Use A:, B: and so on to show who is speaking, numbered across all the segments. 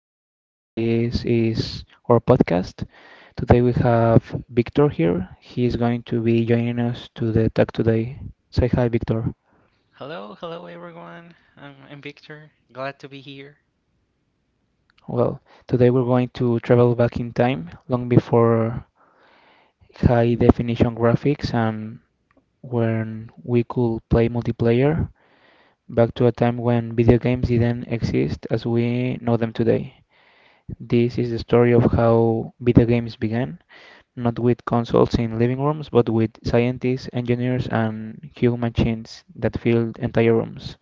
A: Cesar, and this is our podcast. Today we have Victor here. He is going to be joining us to the talk today. Say hi, Victor.
B: Hello, hello everyone. I'm Victor. Glad to be here.
A: Well, today we're going to travel back in time, long before high definition graphics and when we could play multiplayer, back to a time when video games didn't exist as we know them today. This is the story of how video games began, not with consoles in living rooms, but with scientists, engineers, and human machines that fill entire rooms.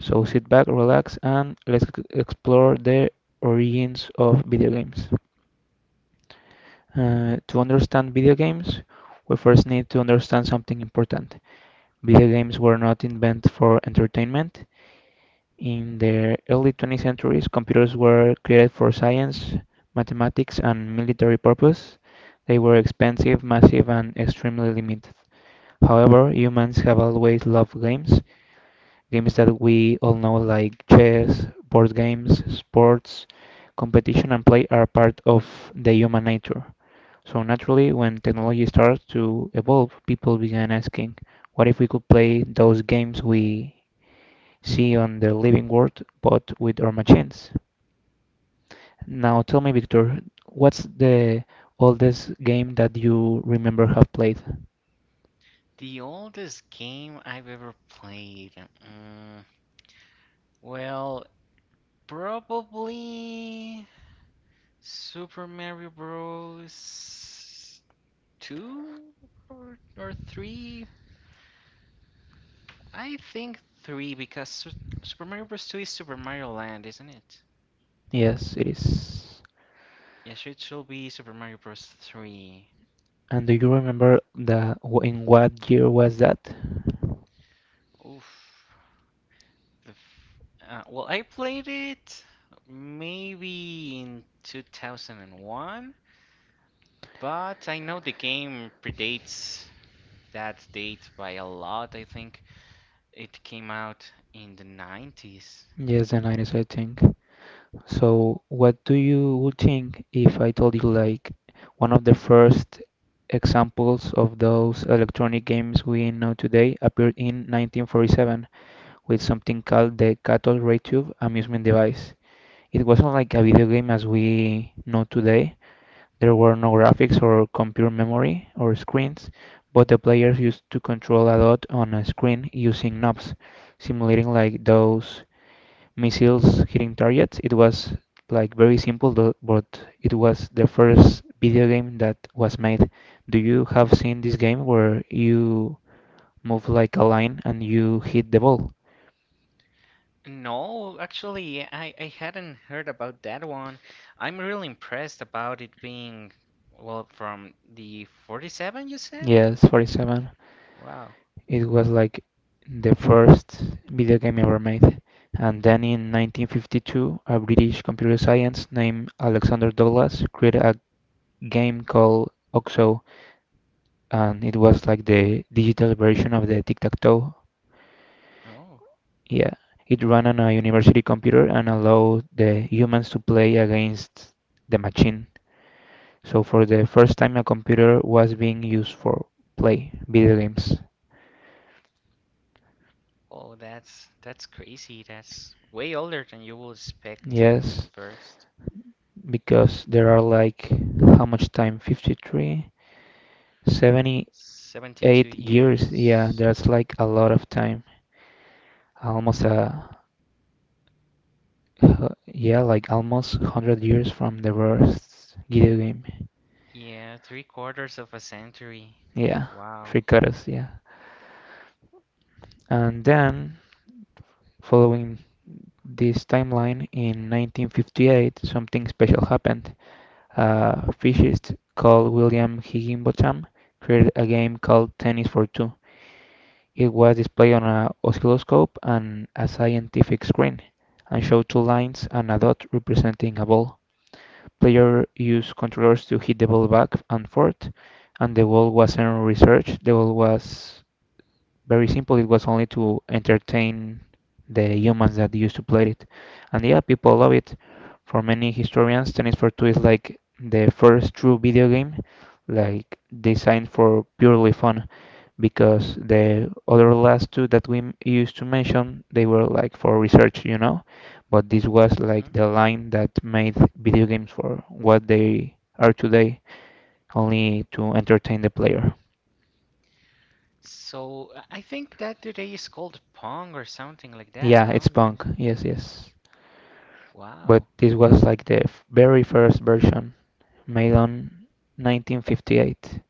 A: So sit back, relax, and let's explore the origins of video games. To understand video games, we first need to understand something important. Video games were not invented for entertainment. In the early 20th centuries, computers were created for science, mathematics, and military purpose. They were expensive, massive, and extremely limited. However, humans have always loved games, games that we all know like chess, board games, sports, competition and play are part of the human nature. So naturally, when technology starts to evolve, people began asking, what if we could play those games we see on the living world, but with our machines? Now tell me, Victor, what's the oldest game that you remember have played?
B: The oldest game I've ever played. Mm, well, probably Super Mario Bros. 2 or 3. I think 3 because Super Mario Bros. 2 is Super Mario Land, isn't it?
A: Yes, it is.
B: Yes, it should be Super Mario Bros. 3.
A: And do you remember the in what year was that?
B: Oof. Well, I played it maybe in 2001, but I know the game predates that date by a lot, I think. It came out in the 90s.
A: Yes, the 90s, I think. So, what do you would think if I told you like one of the first examples of those electronic games we know today appeared in 1947 with something called the cathode ray tube amusement device. It wasn't like a video game as we know today. There were no graphics or computer memory or screens, but the players used to control a dot on a screen using knobs, simulating like those missiles hitting targets. It was like very simple, but it was the first video game that was made. Do you have seen this game where you move like a line and you hit the ball?
B: No, actually, I hadn't heard about that one. I'm really impressed about it being, well, from the 47, you said?
A: Yes, 47.
B: Wow.
A: It was like the first video game ever made. And then in 1952, a British computer scientist named Alexander Douglas created a game called OXO, and it was like the digital version of the tic-tac-toe.
B: Oh.
A: Yeah, it ran on a university computer and allowed the humans to play against the machine. So for the first time, a computer was being used for play video games.
B: Oh, that's crazy. That's way older than you would expect at
A: Yes,
B: first.
A: because there are like how much time 53, seventy-eight
B: 72
A: years yeah,
B: years.
A: that's like a lot of time, almost a yeah, like almost 100 years from the first video game.
B: Yeah, three-quarters of a century.
A: Yeah,
B: Wow.
A: tricotus. Yeah, and then, following this timeline, in 1958 something special happened. A physicist called William Higginbotham created a game called Tennis for Two. It was displayed on an oscilloscope and a scientific screen, and showed two lines and a dot representing a ball. Players used controllers to hit the ball back and forth, and the goal wasn't researched. The goal was very simple. It was only to entertain the humans that used to play it. And yeah, people love it. For many historians, Tennis for Two is like the first true video game, like designed for purely fun, because the other last two that we used to mention, they were like for research, you know, but this was like
B: Hmm.
A: the line that made video games for what they are today, only to entertain the player.
B: So I think that today is called Pong or something like that,
A: Yeah, it's
B: no? Yeah.
A: punk. Yes, yes. But
B: Wow.
A: this was like the very first version made on 1958.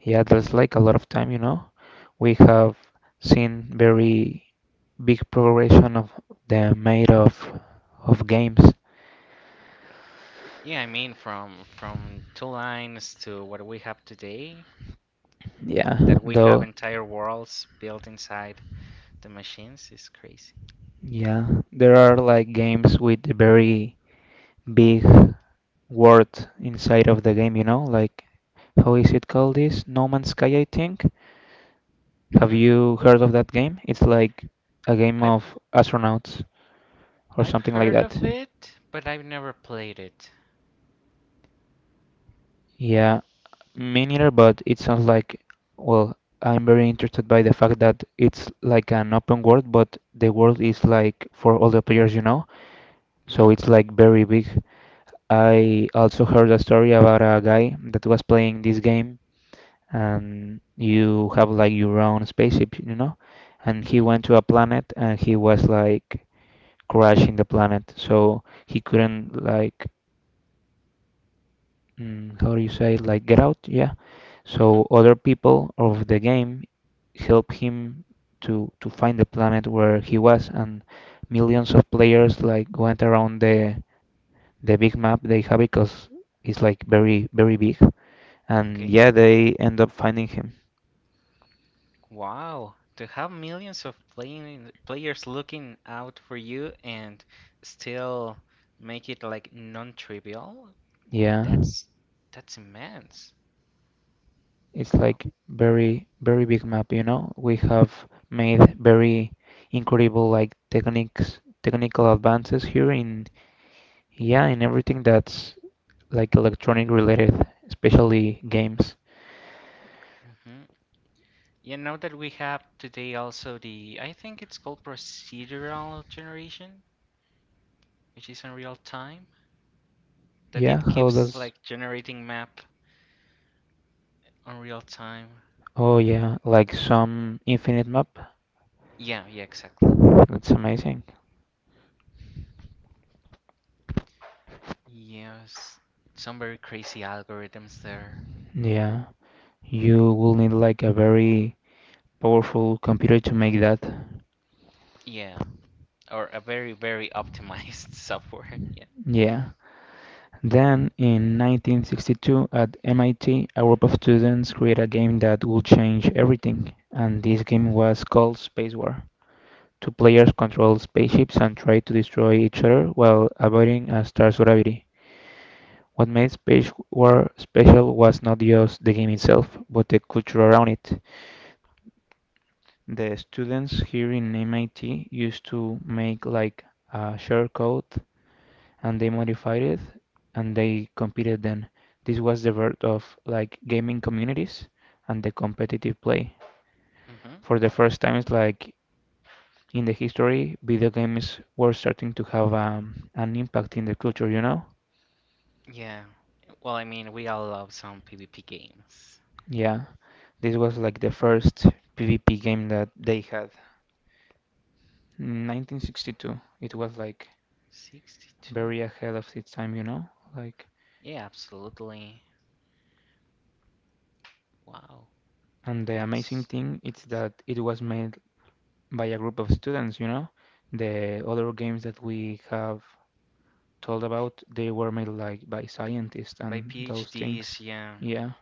A: Yeah, that's like a lot of time, you know. We have seen very big progression of the made of games.
B: Yeah, I mean from two lines to what we have today,
A: Yeah,
B: that we have
A: though,
B: entire worlds built inside the machines is crazy.
A: yeah, there are like games with very big word inside of the game, you know, like how is it called this? No Man's Sky, I think. Have
B: Hmm.
A: you heard of that game? It's like a game
B: I
A: of astronauts or
B: I've
A: something like
B: heard
A: that.
B: of it, but I've never played it.
A: Yeah, me neither, but it sounds like, well, I'm very interested by the fact that it's like an open world, but the world is like for all the players, you know? So
B: Mhm.
A: it's like very big. I also heard a story about a guy that was playing this game, and you have like your own spaceship, you know? And he
B: Mhm.
A: went to a planet and he was like crashing the planet. So he couldn't like how do you say like get out? Yeah.
B: Mhm.
A: So other people of the game help him to find the planet where he was, and millions of players like went around the big map they have because it's like very very big, and
B: Okay.
A: yeah, they end up finding him.
B: Wow. To have millions of playing players looking out for you and still make it like non-trivial,
A: Yeah,
B: that's that's immense.
A: it's
B: Wow.
A: like very very big map, you know. We have made very incredible like techniques, technical advances here in, yeah, in everything that's like electronic related, especially games.
B: Hmm. You know that we have today also the, I think it's called procedural generation, which is in real time, that
A: Yeah,
B: it
A: how
B: keeps
A: does,
B: like generating map on real time.
A: oh yeah, like some infinite map.
B: Yeah, yeah, exactly.
A: That's amazing.
B: Yes, some very crazy algorithms there.
A: Yeah, you will need like a very powerful computer to make that.
B: Yeah, or a very, very optimized software. Yeah.
A: Yeah. Then, in 1962, at MIT, a group of students created a game that would change everything, and this game was called Space War. Two players controlled spaceships and tried to destroy each other while avoiding a star's gravity. What made Space War special was not just the game itself, but the culture around it. The students here in MIT used to make like a share code and they modified it and they competed then. This was the birth of like gaming communities and the competitive play.
B: Mm-hmm.
A: For the first time, it's like in the history, video games were starting to have an impact in the culture, you know?
B: Yeah. Well, I mean, we all love some PvP games.
A: Yeah, this was like the first PvP game that they had. In 1962, it was like very
B: 62.
A: ahead of its time, you know? Like,
B: Yeah, absolutely. Wow,
A: and the amazing
B: that's
A: thing is
B: crazy.
A: that it was made by a group of students, you know. The other games that we have told about, they were made like by scientists
B: By
A: and those things.
B: PhDs, yeah.
A: Yeah,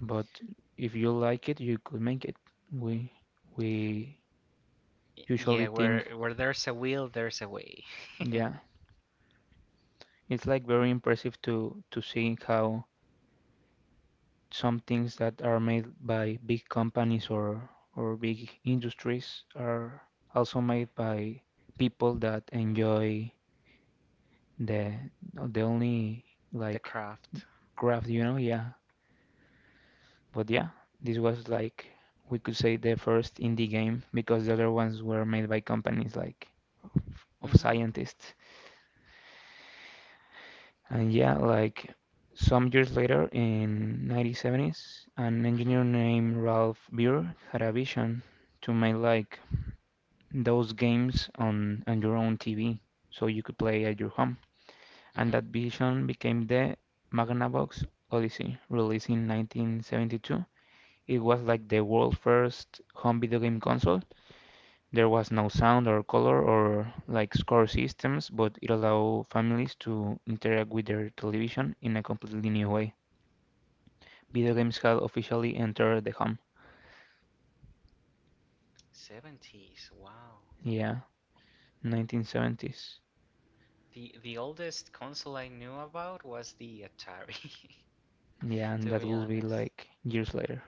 A: but if you like it, you could make it. We we usually
B: Yeah,
A: think,
B: where there's a will, there's a way.
A: yeah, it's like very impressive to see how some things that are made by big companies or big industries are also made by people that enjoy the the only
B: The
A: like
B: craft.
A: craft, you know, yeah. But yeah, this was like we could say the first indie game because the other ones were made by companies like of, of
B: Mm-hmm.
A: scientists. And yeah, like some years later in 1970s, an
B: Mm-hmm.
A: engineer named Ralph Beer had a vision to make like those games on your own TV so you could play at your home. And
B: Mm-hmm.
A: that vision became the Magnavox Odyssey, released in 1972. It was like the world's first home video game console. There was no
B: Okay.
A: sound or color or like score systems, but it allowed families to interact with their television in a completely new way. Video games had officially entered the home.
B: 70s. Wow.
A: Yeah, 1970s.
B: The oldest console I knew about was the Atari,
A: Yeah, and
B: to
A: that
B: be
A: will be
B: honest.
A: like years later.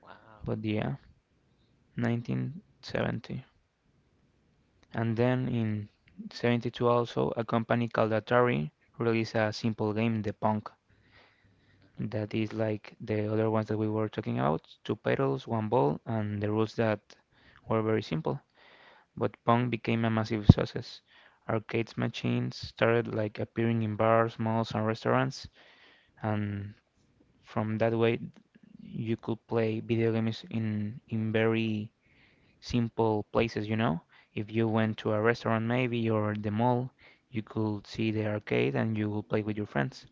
B: Wow.
A: But yeah, 1970. And then in 72 also, a company called Atari released a simple game, The Pong,
B: Mhm.
A: that is like the other ones that we were talking about, two pedals, one ball, and the rules that were very simple. But Pong became a massive success. Arcade machines started like appearing in bars, malls, and restaurants, and from that way you could play video games in very simple places, you know? If you
B: Mhm.
A: went to a restaurant maybe or the mall, you could see the arcade and you would play with your friends.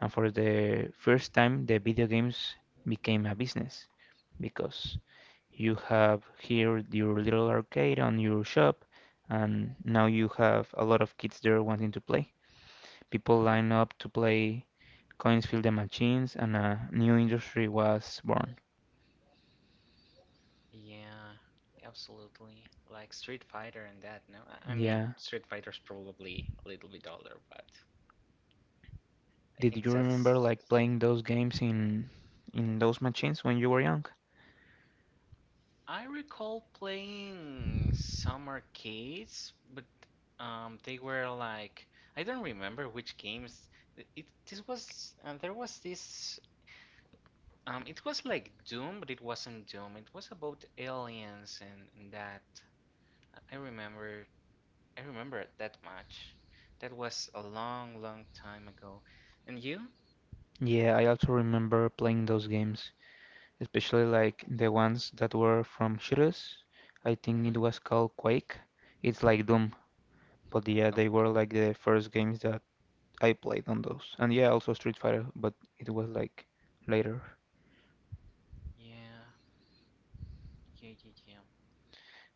A: And for the first time, the video games became a business because you have here your little arcade on your shop, and now you have a lot of kids there wanting to play. People
B: Mhm.
A: line up to play, coins fill the machines, and a new industry was born.
B: Yeah, absolutely. Like Street Fighter and that. No, I mean
A: Yeah.
B: Street Fighter's probably a little bit older, but I
A: Did
B: think
A: you
B: that's.
A: remember like playing those games in those machines when you were young?
B: I recall playing some arcades, but they were like I don't remember which games. It this was There was this. It was like Doom, but it wasn't Doom. It was about aliens and that. I remember, I remember it that much. That was a long, long time ago. And you?
A: Yeah, I also remember playing those games, especially like the ones that were from shooters. I think
B: Mm-hmm.
A: it was called Quake. It's like Doom, but yeah,
B: Oh,
A: they were
B: okay.
A: like the first games that I played on those. And yeah, also Street Fighter, but it was like later.
B: Yeah, yeah, yeah, yeah.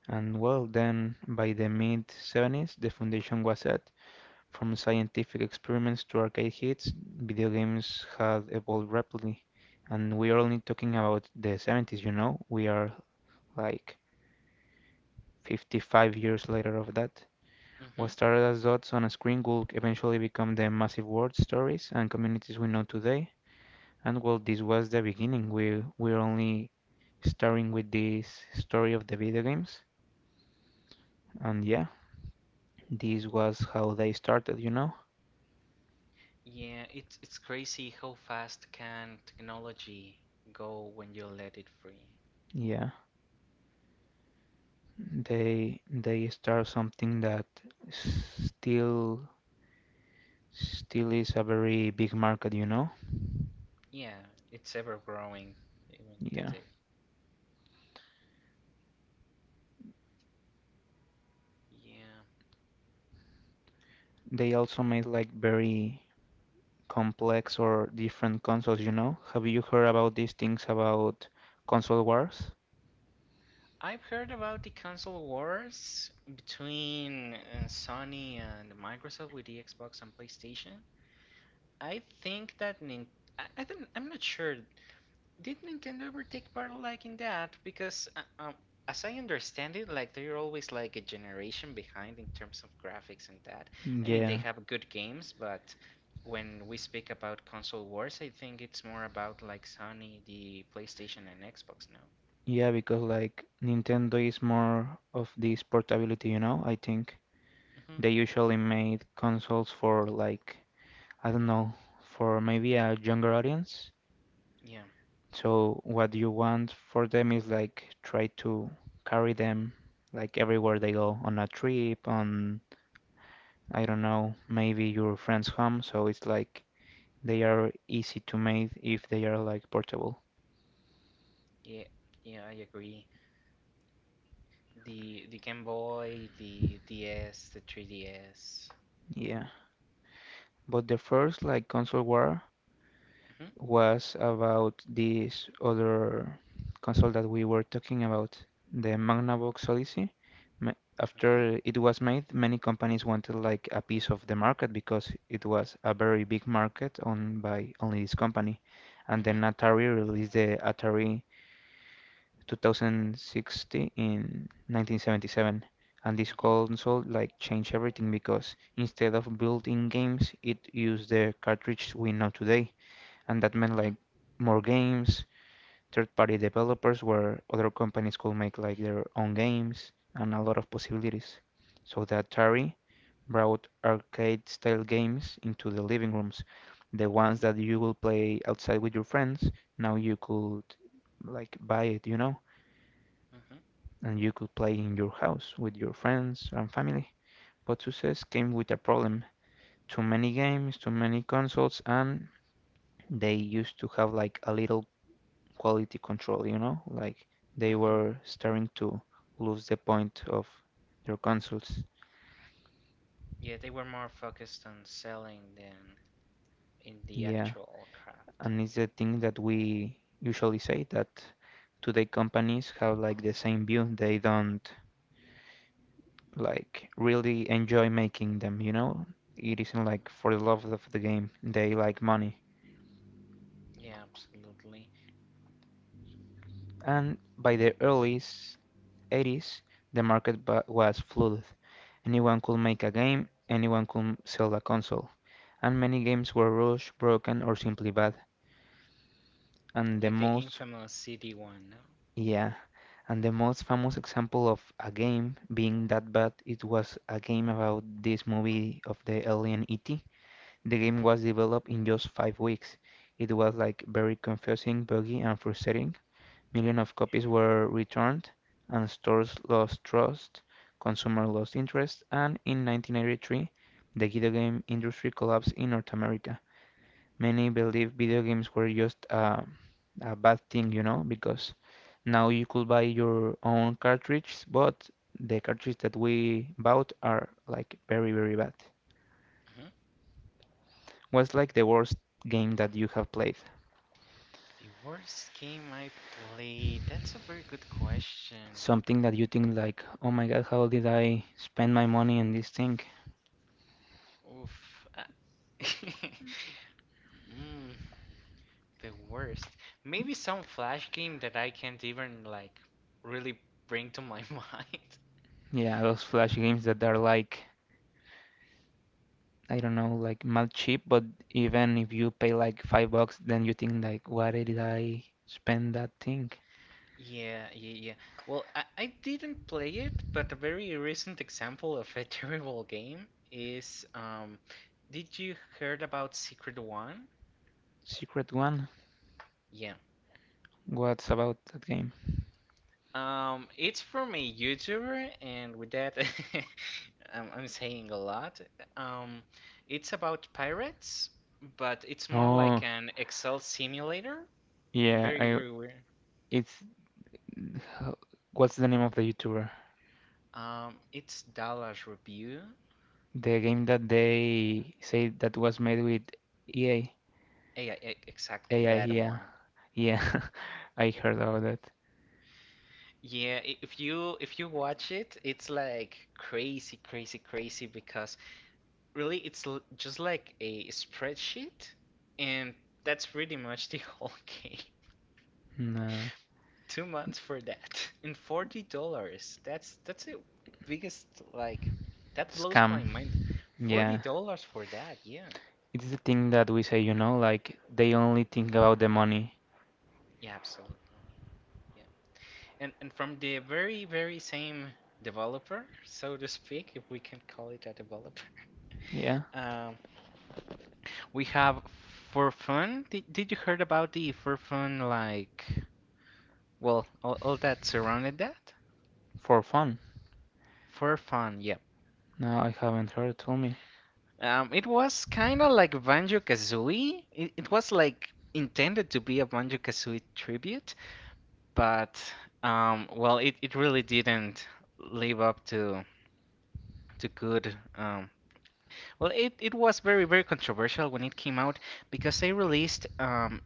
A: And well, then by the mid 70s, the foundation was set. From scientific experiments to arcade hits, video games had evolved rapidly. And we are only talking about the 70s, you know? We are like 55 years later of that. What
B: Mm-hmm.
A: started as dots on a screen would eventually become the massive world stories and communities we know today. And well, this was the beginning. We're only starting with this story of the video games. And yeah, this was how they started, you know?
B: Yeah, it's crazy how fast can technology go when you let it free.
A: Yeah. They start something that still still is a very big market, you know?
B: Yeah, it's ever growing even
A: Yeah.
B: today. Yeah.
A: They also made like very complex or different consoles, you know? Have you heard about these things about console wars?
B: I've heard about the console wars between Sony and Microsoft with the Xbox and PlayStation. I think that Nintendo. I don't, I'm not sure. Did Nintendo ever take part like in that? Because as I understand it, like they're always like a generation behind in terms of graphics and that. I mean, they
A: Yeah,
B: have good games, but when we speak about console wars, I think it's more about like Sony, the PlayStation and Xbox now.
A: yeah, because like Nintendo is more of this portability, you know? I think
B: Hmm.
A: they usually made consoles for I don't know, for maybe a younger audience.
B: Yeah.
A: So what you want for them is try to carry them like everywhere they go on a trip, on I don't know, maybe your friend's home. So it's like they are easy to make if they are like portable.
B: Yeah, yeah, I agree. The Game Boy, the DS, the 3DS.
A: Yeah. But the first like console war
B: Mhm.
A: was about this other console that we were talking about, the Magnavox Odyssey.
B: Okay.
A: After it was made, many companies wanted like a piece of the market because it was a very big market owned by only this company. And then
B: Mhm.
A: Atari released the Atari 2060 in 1977, and this
B: Mhm.
A: console like changed everything because instead of built-in games it used the cartridge we know today, and that meant like
B: Mhm.
A: more games, third-party developers where other companies could make like their own games and a lot of possibilities. So the Atari brought arcade-style games into the living rooms, the ones
B: Mhm.
A: that you will play outside with your friends. Now you could buy it.
B: Mhm.
A: And you could play in your house with your friends and family. But success came with a problem. Too many games, too many consoles, and they used to have like a little quality control, you know? Like they
B: Mhm.
A: were starting to lose the point of their consoles.
B: Yeah, they were more focused on selling than in the
A: Yeah,
B: actual craft.
A: and it's the thing that we usually say, that today companies have like the same view. They don't like really enjoy making them, you know? It isn't
B: Mhm.
A: like for the love of the game. They like money.
B: Yeah, absolutely.
A: And by the early 80s, the market was flooded. Anyone could make a game, anyone could sell a console, and many games were rushed, broken, or simply bad. And the
B: Like the
A: most,
B: infamous CD one, no?
A: yeah, and the most famous example of a game being that bad, it was a game about this movie of the alien E.T. The game
B: Mhm.
A: was developed in just 5 weeks. It was like very confusing, buggy, and frustrating. Millions of copies were returned, and stores lost trust, consumers lost interest, and in 1983, the video game industry collapsed in North America. Many believe video games were just a bad thing, you know, because now you could buy your own cartridges, but the cartridges that we bought are like very, very bad.
B: Mhm.
A: What's like the worst game that you have played?
B: The worst game I played. That's a very good question.
A: Something that you think like, oh my god, how did I spend my money on this thing?
B: Oof. Mm, The worst. Maybe some flash game that I can't even like really bring to my mind.
A: Yeah, those flash games that are like I don't know, like mad cheap, but even if you pay like $5, then you think like, why did I spend that thing?
B: Yeah, yeah, yeah. Well, I didn't play it, but a very recent example of a terrible game is, did you heard about Secret One?
A: Secret one?
B: Yeah.
A: What's about that game?
B: It's from a YouTuber and with that I'm saying a lot. Um it's about pirates, but it's more like
A: Oh,
B: an Excel simulator.
A: yeah,
B: Very,
A: I
B: very weird.
A: it's what's the name of the YouTuber?
B: It's Dallas Review.
A: The game that they say that was made with EA,
B: Yeah, exactly
A: AI,
B: that
A: yeah,
B: one.
A: yeah, I heard about that.
B: Yeah, if you watch it, it's like crazy, crazy, crazy because really it's l just like a spreadsheet, and that's pretty much the whole game.
A: Nah,
B: 2 months for that, and $40. That's the biggest like that blows my
A: scam,
B: mind. Forty
A: yeah.
B: dollars for that? Yeah,
A: It's the thing that we say, you know, like they only think about the money.
B: yeah, absolutely. Yeah. And from the very, very same developer, so to speak, if we can call it a developer,
A: Yeah,
B: um, we have For Fun. Did you heard about the For Fun, like, well, all that surrounded that?
A: for fun.
B: For Fun, yep.
A: No, I haven't heard. Tell me.
B: It was kind of like Banjo Kazooie. It was like intended to be a Banjo Kazooie tribute, but well, it really didn't live up to good, well, it was very, very controversial when it came out because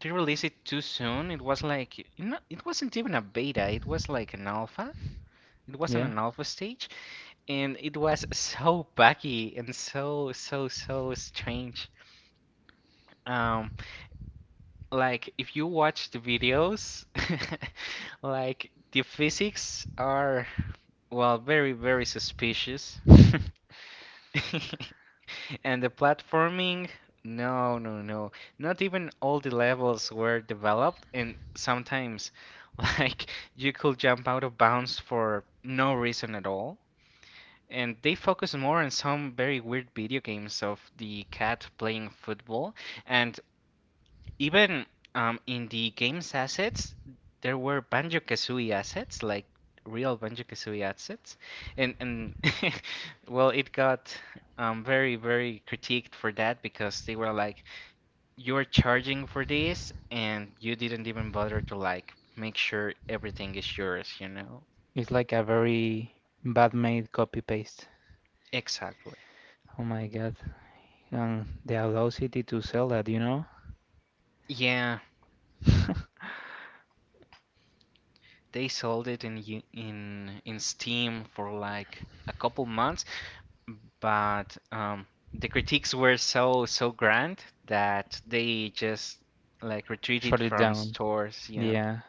B: they released it too soon. It was like, it wasn't even a beta, it was like an alpha. It wasn't
A: Yeah.
B: an alpha stage, and it was so buggy and so so so strange. Um, like if you watch the videos, like the physics are, well, very very suspicious. And the platforming, no, no, no. Not even all the levels were developed, and sometimes, like, you could jump out of bounds for no reason at all. And they focus more on some very weird video games of the cat playing football, and even in the game's assets, there were Banjo-Kazooie assets, like real Banjo-Kazooie assets, and well, it got, very very critiqued for that because they were like, you're charging for this, and you didn't even bother to like make sure everything is yours, you know?
A: It's like a very bad made copy paste.
B: Exactly.
A: Oh my god. And the audacity to sell that, you know?
B: Yeah, they sold it in in Steam for like a couple months, but the critiques were so so grand that they just like retreated
A: Shut it
B: from
A: down.
B: stores. Yeah,
A: Yeah.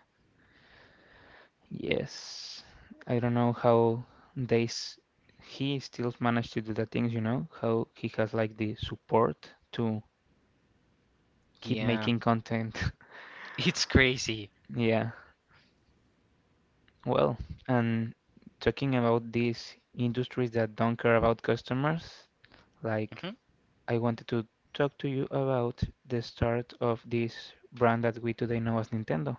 A: Yes. I don't know how they s he still managed to do the things, you know? How he has like the support to keep
B: yeah,
A: making content.
B: it's crazy.
A: Yeah. Well, and talking about these industries that don't care about customers, like
B: Hmm.
A: I wanted to talk to you about the start of this brand that we today know as Nintendo.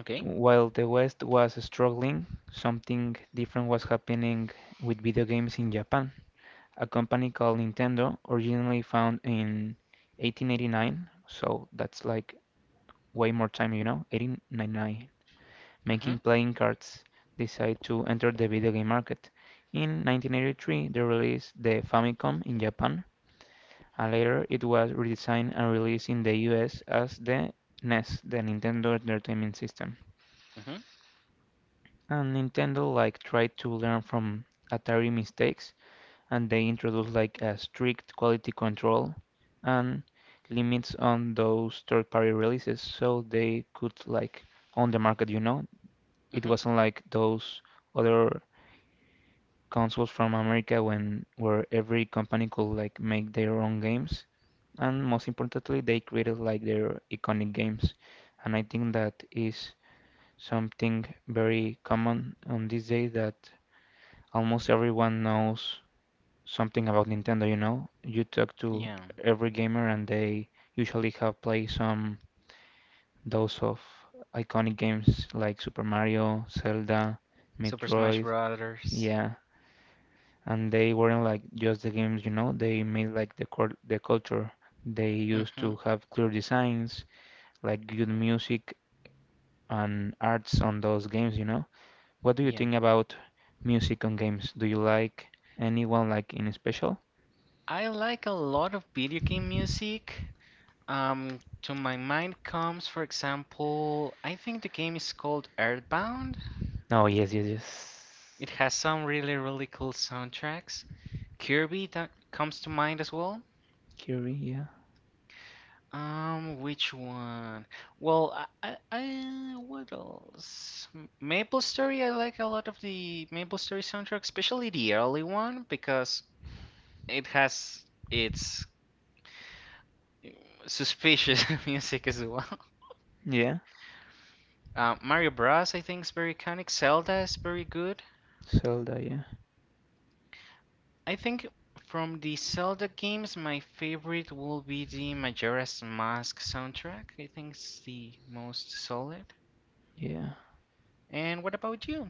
B: Okay.
A: While the West was struggling, something different was happening with video games in Japan. A company called Nintendo, originally found in 1889, so that's like way more time, you know, 1899, making
B: Hmm.
A: playing cards, decide to enter the video game market. In 1983, they released the Famicom in Japan, and later it was redesigned and released in the US as the NES, the Nintendo Entertainment System.
B: Hmm.
A: And Nintendo like tried to learn from Atari mistakes, and they introduced like a strict quality control and limits on those third-party releases, so they could like own the market, you know. It
B: Hmm.
A: wasn't like those other consoles from America when where every company could like make their own games, and most importantly they created like their iconic games, and I think that is something very common on this day, that almost everyone knows something about Nintendo, you know? You talk to
B: Yeah.
A: every gamer and they usually have played some those of iconic games like Super Mario, Zelda,
B: Super Smash
A: Metroid.
B: Brothers.
A: Yeah, and they weren't like just the games, you know. They made like the culture. They used
B: Hmm.
A: to have clear designs, like good music and arts on those games, you know. What do you
B: Yeah.
A: think about music on games? Do you like anyone like in special?
B: I like a lot of video game music. To my mind comes, for example, I think the game is called Earthbound.
A: No, yes, yes, yes.
B: It has some really really cool soundtracks. Kirby that comes to mind as well.
A: Curie, yeah.
B: Which one? Well, I what else? MapleStory. I like a lot of the MapleStory soundtrack, especially the early one because it has its mm, suspicious music as well.
A: Yeah.
B: Mario Bros. I think is very iconic. Zelda is very good.
A: Zelda, yeah.
B: I think from the Zelda games, my favorite will be the Majora's Mask soundtrack. I think it's the most solid.
A: Yeah.
B: And what about you?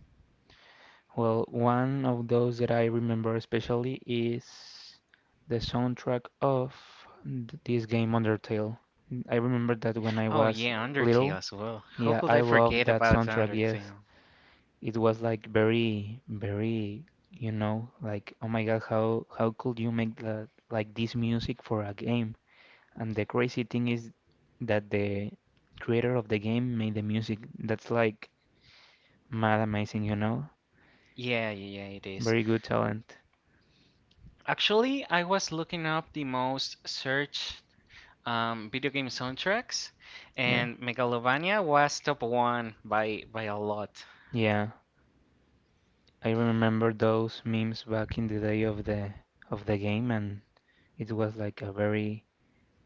A: Well, one of those that I remember especially is the soundtrack of this game Undertale. I remember that when I
B: Oh
A: was
B: yeah,
A: little,
B: Undertale as well. How
A: yeah,
B: could
A: I
B: I
A: loved
B: forget
A: that
B: about
A: soundtrack, yes.
B: Undertale?
A: It was like very, very, you know, like oh my God, how could you make that like this music for a game? And the crazy thing is that the creator of the game made the music. That's like mad amazing, you know?
B: Yeah, yeah, yeah, it is.
A: Very good talent.
B: Actually, I was looking up the most searched video game soundtracks,
A: Yeah.
B: and Megalovania was top one by a lot.
A: Yeah, I remember those memes back in the day of the game, and it was like a very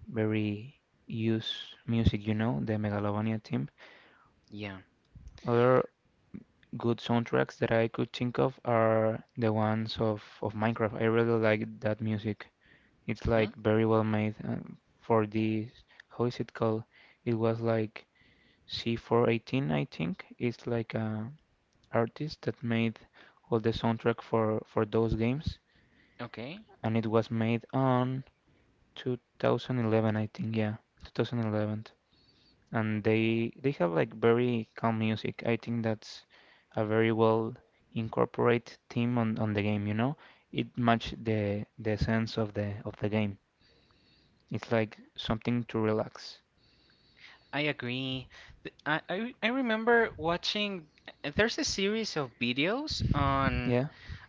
A: very used music, you know, the Megalovania theme.
B: Yeah.
A: Other good soundtracks that I could think of are the ones of Minecraft. I really like that music. It's
B: Hmm?
A: like very well made for this. How is it called? It was like C418, I think. It's like a artist that made all the soundtrack for those games,
B: Okay.
A: and it was made on 2011, I think. Yeah, 2011. And they have like very calm music. I think that's a very well incorporate theme on the game, you know? It match the sense of the game. It's like something to relax.
B: I agree. I remember watching. There's a series of videos on
A: Yeah,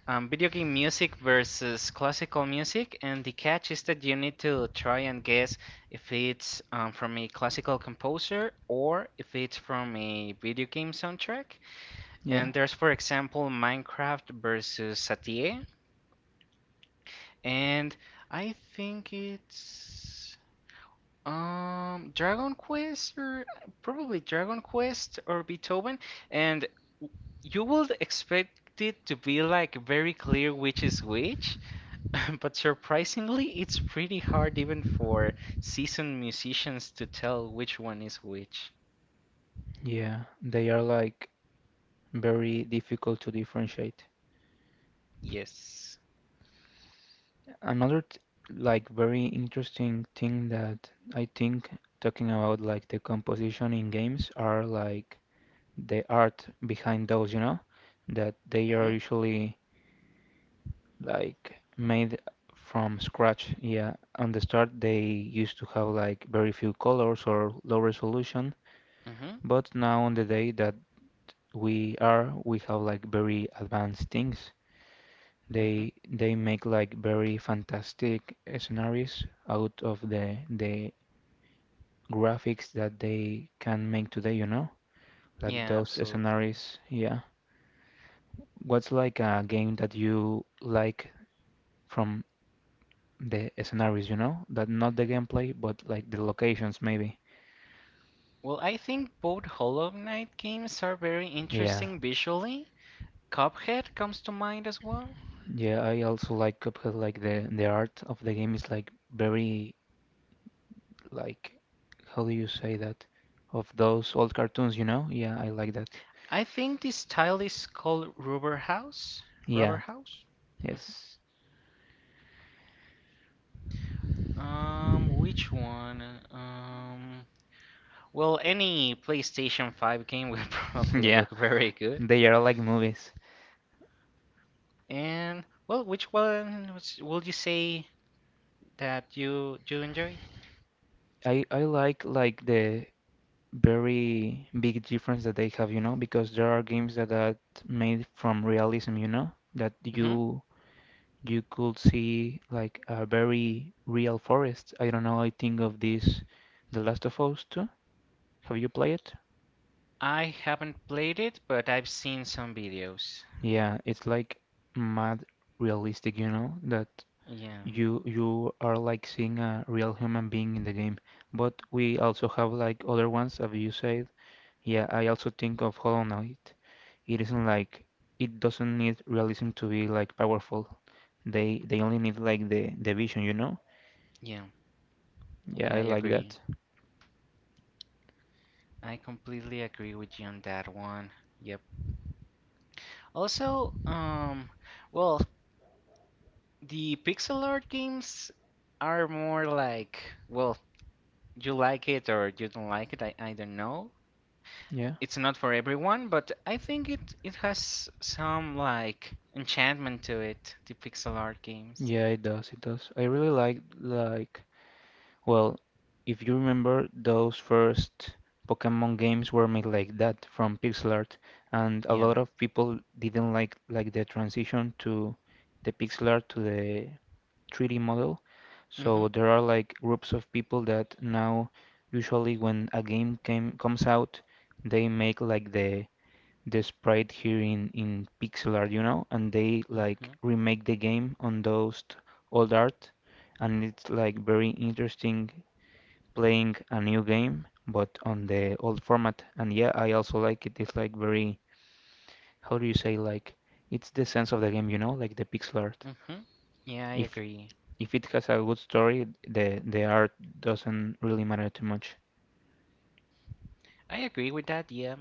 B: video game music versus classical music, and the catch is that you need to try and guess if it's from a classical composer or if it's from a video game soundtrack.
A: yeah,
B: And there's, for example, Minecraft versus Satie, and I think it's Dragon Quest, or probably Dragon Quest or Beethoven, and you would expect it to be like very clear which is which. But surprisingly, it's pretty hard even for seasoned musicians to tell which one is which.
A: yeah. They are like very difficult to differentiate.
B: Yes.
A: Another t- like very interesting thing that I think, talking about like the composition in games, are like the art behind those, you know, that they are
B: Mm-hmm.
A: usually like made from scratch. Yeah, on the start they used to have like very few colors or low resolution,
B: Mm-hmm.
A: but now on the day that we are, we have like very advanced things.
B: Mm-hmm.
A: They make like very fantastic scenarios out of the graphics that they can make today, you know? Like
B: Yeah,
A: those
B: absolutely.
A: scenarios, yeah. What's like a game that you like from the scenarios, you know? That not the gameplay, but like the locations maybe.
B: Well, I think both Hollow Knight games are very
A: Yeah.
B: interesting visually. Cuphead comes to mind as well.
A: Yeah, I also like Cuphead, like the art of the game is like very like how do you say that? Of those old cartoons, you know? Yeah, I like that.
B: I think this style is called Rubber House. Rubber
A: Yeah.
B: House? Mhm.
A: Yes.
B: Which one? Well, any PlayStation 5 game will probably
A: Yeah,
B: look very good.
A: they are like movies.
B: And well, which one was, would you say that you do enjoy?
A: I like the very big difference that they have, you know, because there are games that are made from realism, you know, that
B: Hmm.
A: you could see like a very real forest. I don't know, I think of this The Last of Us 2. Have you played it?
B: I haven't played it, but I've seen some videos.
A: Yeah, it's like mad realistic, you know, that
B: Yeah,
A: you are like seeing a real human being in the game. But we also have like other ones, as you said. Yeah, I also think of Hollow Knight. It isn't like it doesn't need realism to be like powerful. They only need like the vision, you know?
B: yeah,
A: Yeah,
B: yeah,
A: I
B: I
A: like
B: agree.
A: that.
B: I completely agree with you on that one. Yep. Also, well, the pixel art games are more like, well, you like it or you don't like it, I don't know.
A: Yeah.
B: It's not for everyone, but I think it has some like enchantment to it, the pixel art games.
A: Yeah, it does, it does. I really like well, if you remember, those first Pokemon games were made like that from pixel art, and a
B: Yeah.
A: lot of people didn't like the transition to the pixel art to the 3D model. So
B: Mhm.
A: there are like groups of people that now usually when a game came comes out, they make like the sprite here in pixel art, you know, and they like
B: Mhm.
A: remake the game on those old art, and it's like very interesting playing a new game, but on the old format. And yeah, I also like it. It's like very, how do you say, like it's the sense of the game, you know, like the pixel art.
B: Mhm. Yeah, I
A: If
B: agree.
A: if it has a good story, the art doesn't really matter too much.
B: I agree with that. Yeah,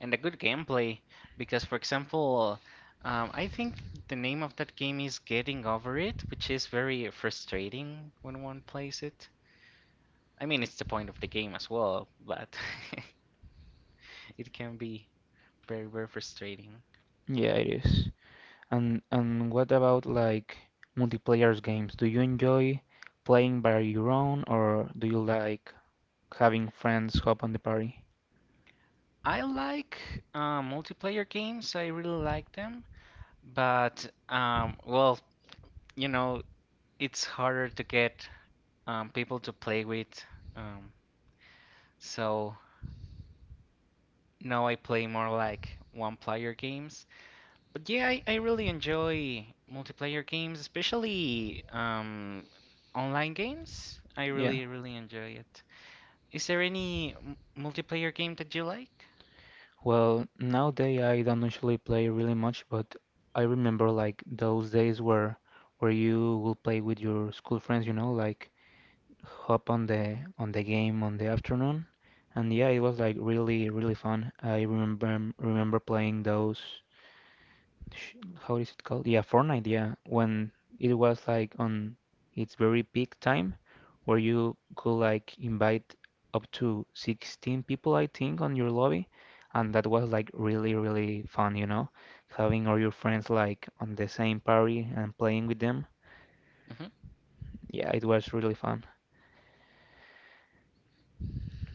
B: and a good gameplay because, for example, I think the name of that game is Getting Over It, which is very frustrating when one plays it. I mean, it's the point of the game as well, but it can be very, very frustrating.
A: Yeah, it is. And what about like multiplayer games? Do you enjoy playing by your own, or do you like having friends hop on the party?
B: I like multiplayer games. I really like them, but well, you know, it's harder to get people to play with. Um, so now I play more like one-player games. But yeah, I really enjoy multiplayer games, especially online games. I
A: Yeah.
B: really, really enjoy it. Is there any m multiplayer game that you like?
A: Well, nowadays I don't usually play really much, but I remember like those days where you will play with your school friends, you know, like hop on the game on the afternoon. And yeah, it was like really really fun. I remember playing those sh- how is it called? Yeah, Fortnite. Yeah, when it was like on its very peak time, where you could like invite up to 16 people, I think, on your lobby, and that was like really, really fun, you know, having all your friends like on the same party and playing with them.
B: Mm-hmm.
A: Yeah, it was really fun.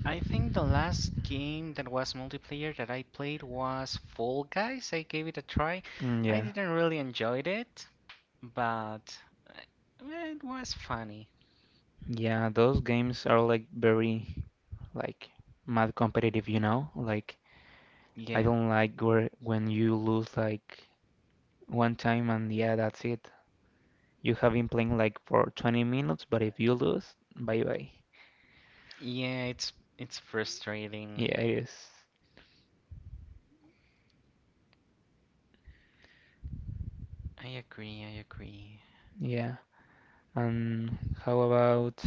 B: I think the last game that was multiplayer that I played was Fall Guys. I gave it a try.
A: Mm,
B: I
A: yeah,
B: didn't really enjoy it, but it was funny.
A: yeah, those games are like very like mad competitive, you know? Like I
B: Yeah.
A: don't like where when you lose like one time and yeah, that's it. You have been playing like for 20 minutes, but if you lose, bye bye.
B: Yeah, it's
A: Yeah,
B: frustrating.
A: it is.
B: I agree, I agree.
A: Yeah. And how about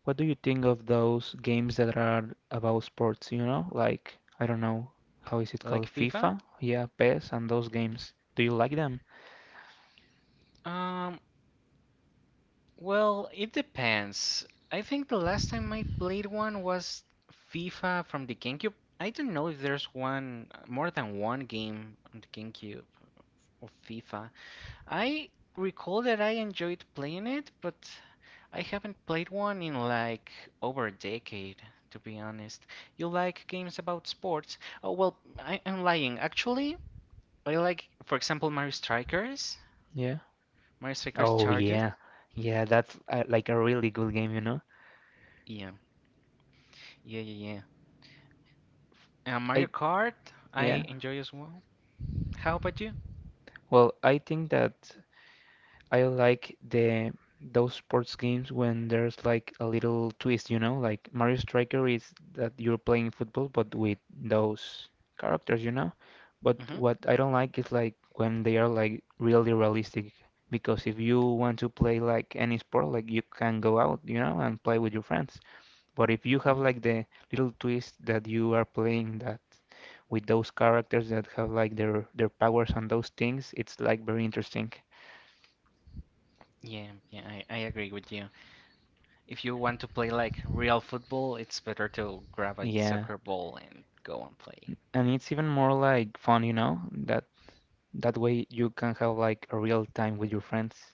A: what do you think of those games that are about sports, you know? Like, I don't know, how is it called?
B: Like FIFA?
A: FIFA? Yeah, PES and those games. Do you like them?
B: Um, well, it depends. I think the last time I played one was FIFA from the GameCube. I don't know if there's one more than one game on the GameCube of FIFA. I recall that I enjoyed playing it, but I haven't played one in like over a decade, to be honest. You like games about sports? Oh, well, I am lying. Actually, I like, for example, Mario Strikers,
A: Yeah.
B: Mario Strikers
A: Oh
B: Charged.
A: yeah. Yeah, that's like a really good game, you know?
B: Yeah, yeah, yeah, yeah.
A: I
B: Mario Kart,
A: yeah.
B: I enjoy as well. How about you?
A: Well, I think that I like the those sports games when there's like a little twist, you know, like Mario Striker is that you're playing football but with those characters, you know. But
B: Mm-hmm,
A: what I don't like is like when they are like really realistic, because if you want to play like any sport, like you can go out, you know, and play with your friends. But if you have
B: mm-hmm.
A: like the little twist that you are playing that with those characters that have like their powers and those things, it's like very interesting.
B: Yeah, yeah, I agree with you. If you want to play like real football, it's better to grab a
A: Yeah.
B: soccer ball and go and play.
A: And
B: Yeah.
A: it's even more like fun, you know, that that way you can have like a real time with your friends.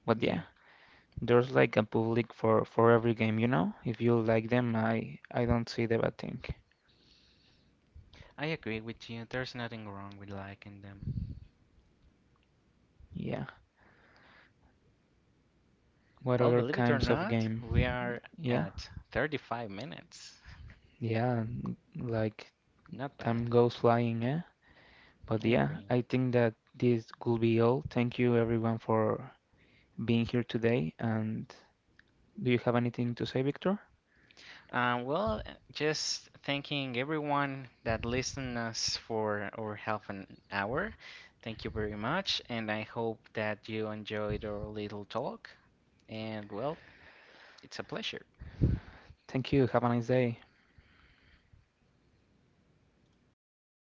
A: But yeah,
B: Yeah,
A: there's like a public for every game, you know. If you like them, I don't see the bad thing.
B: I agree with you. There's nothing wrong with liking them.
A: Yeah. What
B: Well,
A: other
B: believe it or
A: kinds of
B: not, we
A: game?
B: are
A: Yeah.
B: at 35 minutes.
A: Yeah, like
B: Not
A: time
B: bad.
A: goes flying, eh? But
B: I
A: yeah,
B: agree.
A: I think that this could be all. Thank you everyone for being here today. And do you have anything to say, Victor?
B: Well, just thanking everyone that listened us for over half an hour. Thank you very much, and I hope that you enjoyed our little talk. And well, it's a pleasure.
A: Thank you. Have a nice day.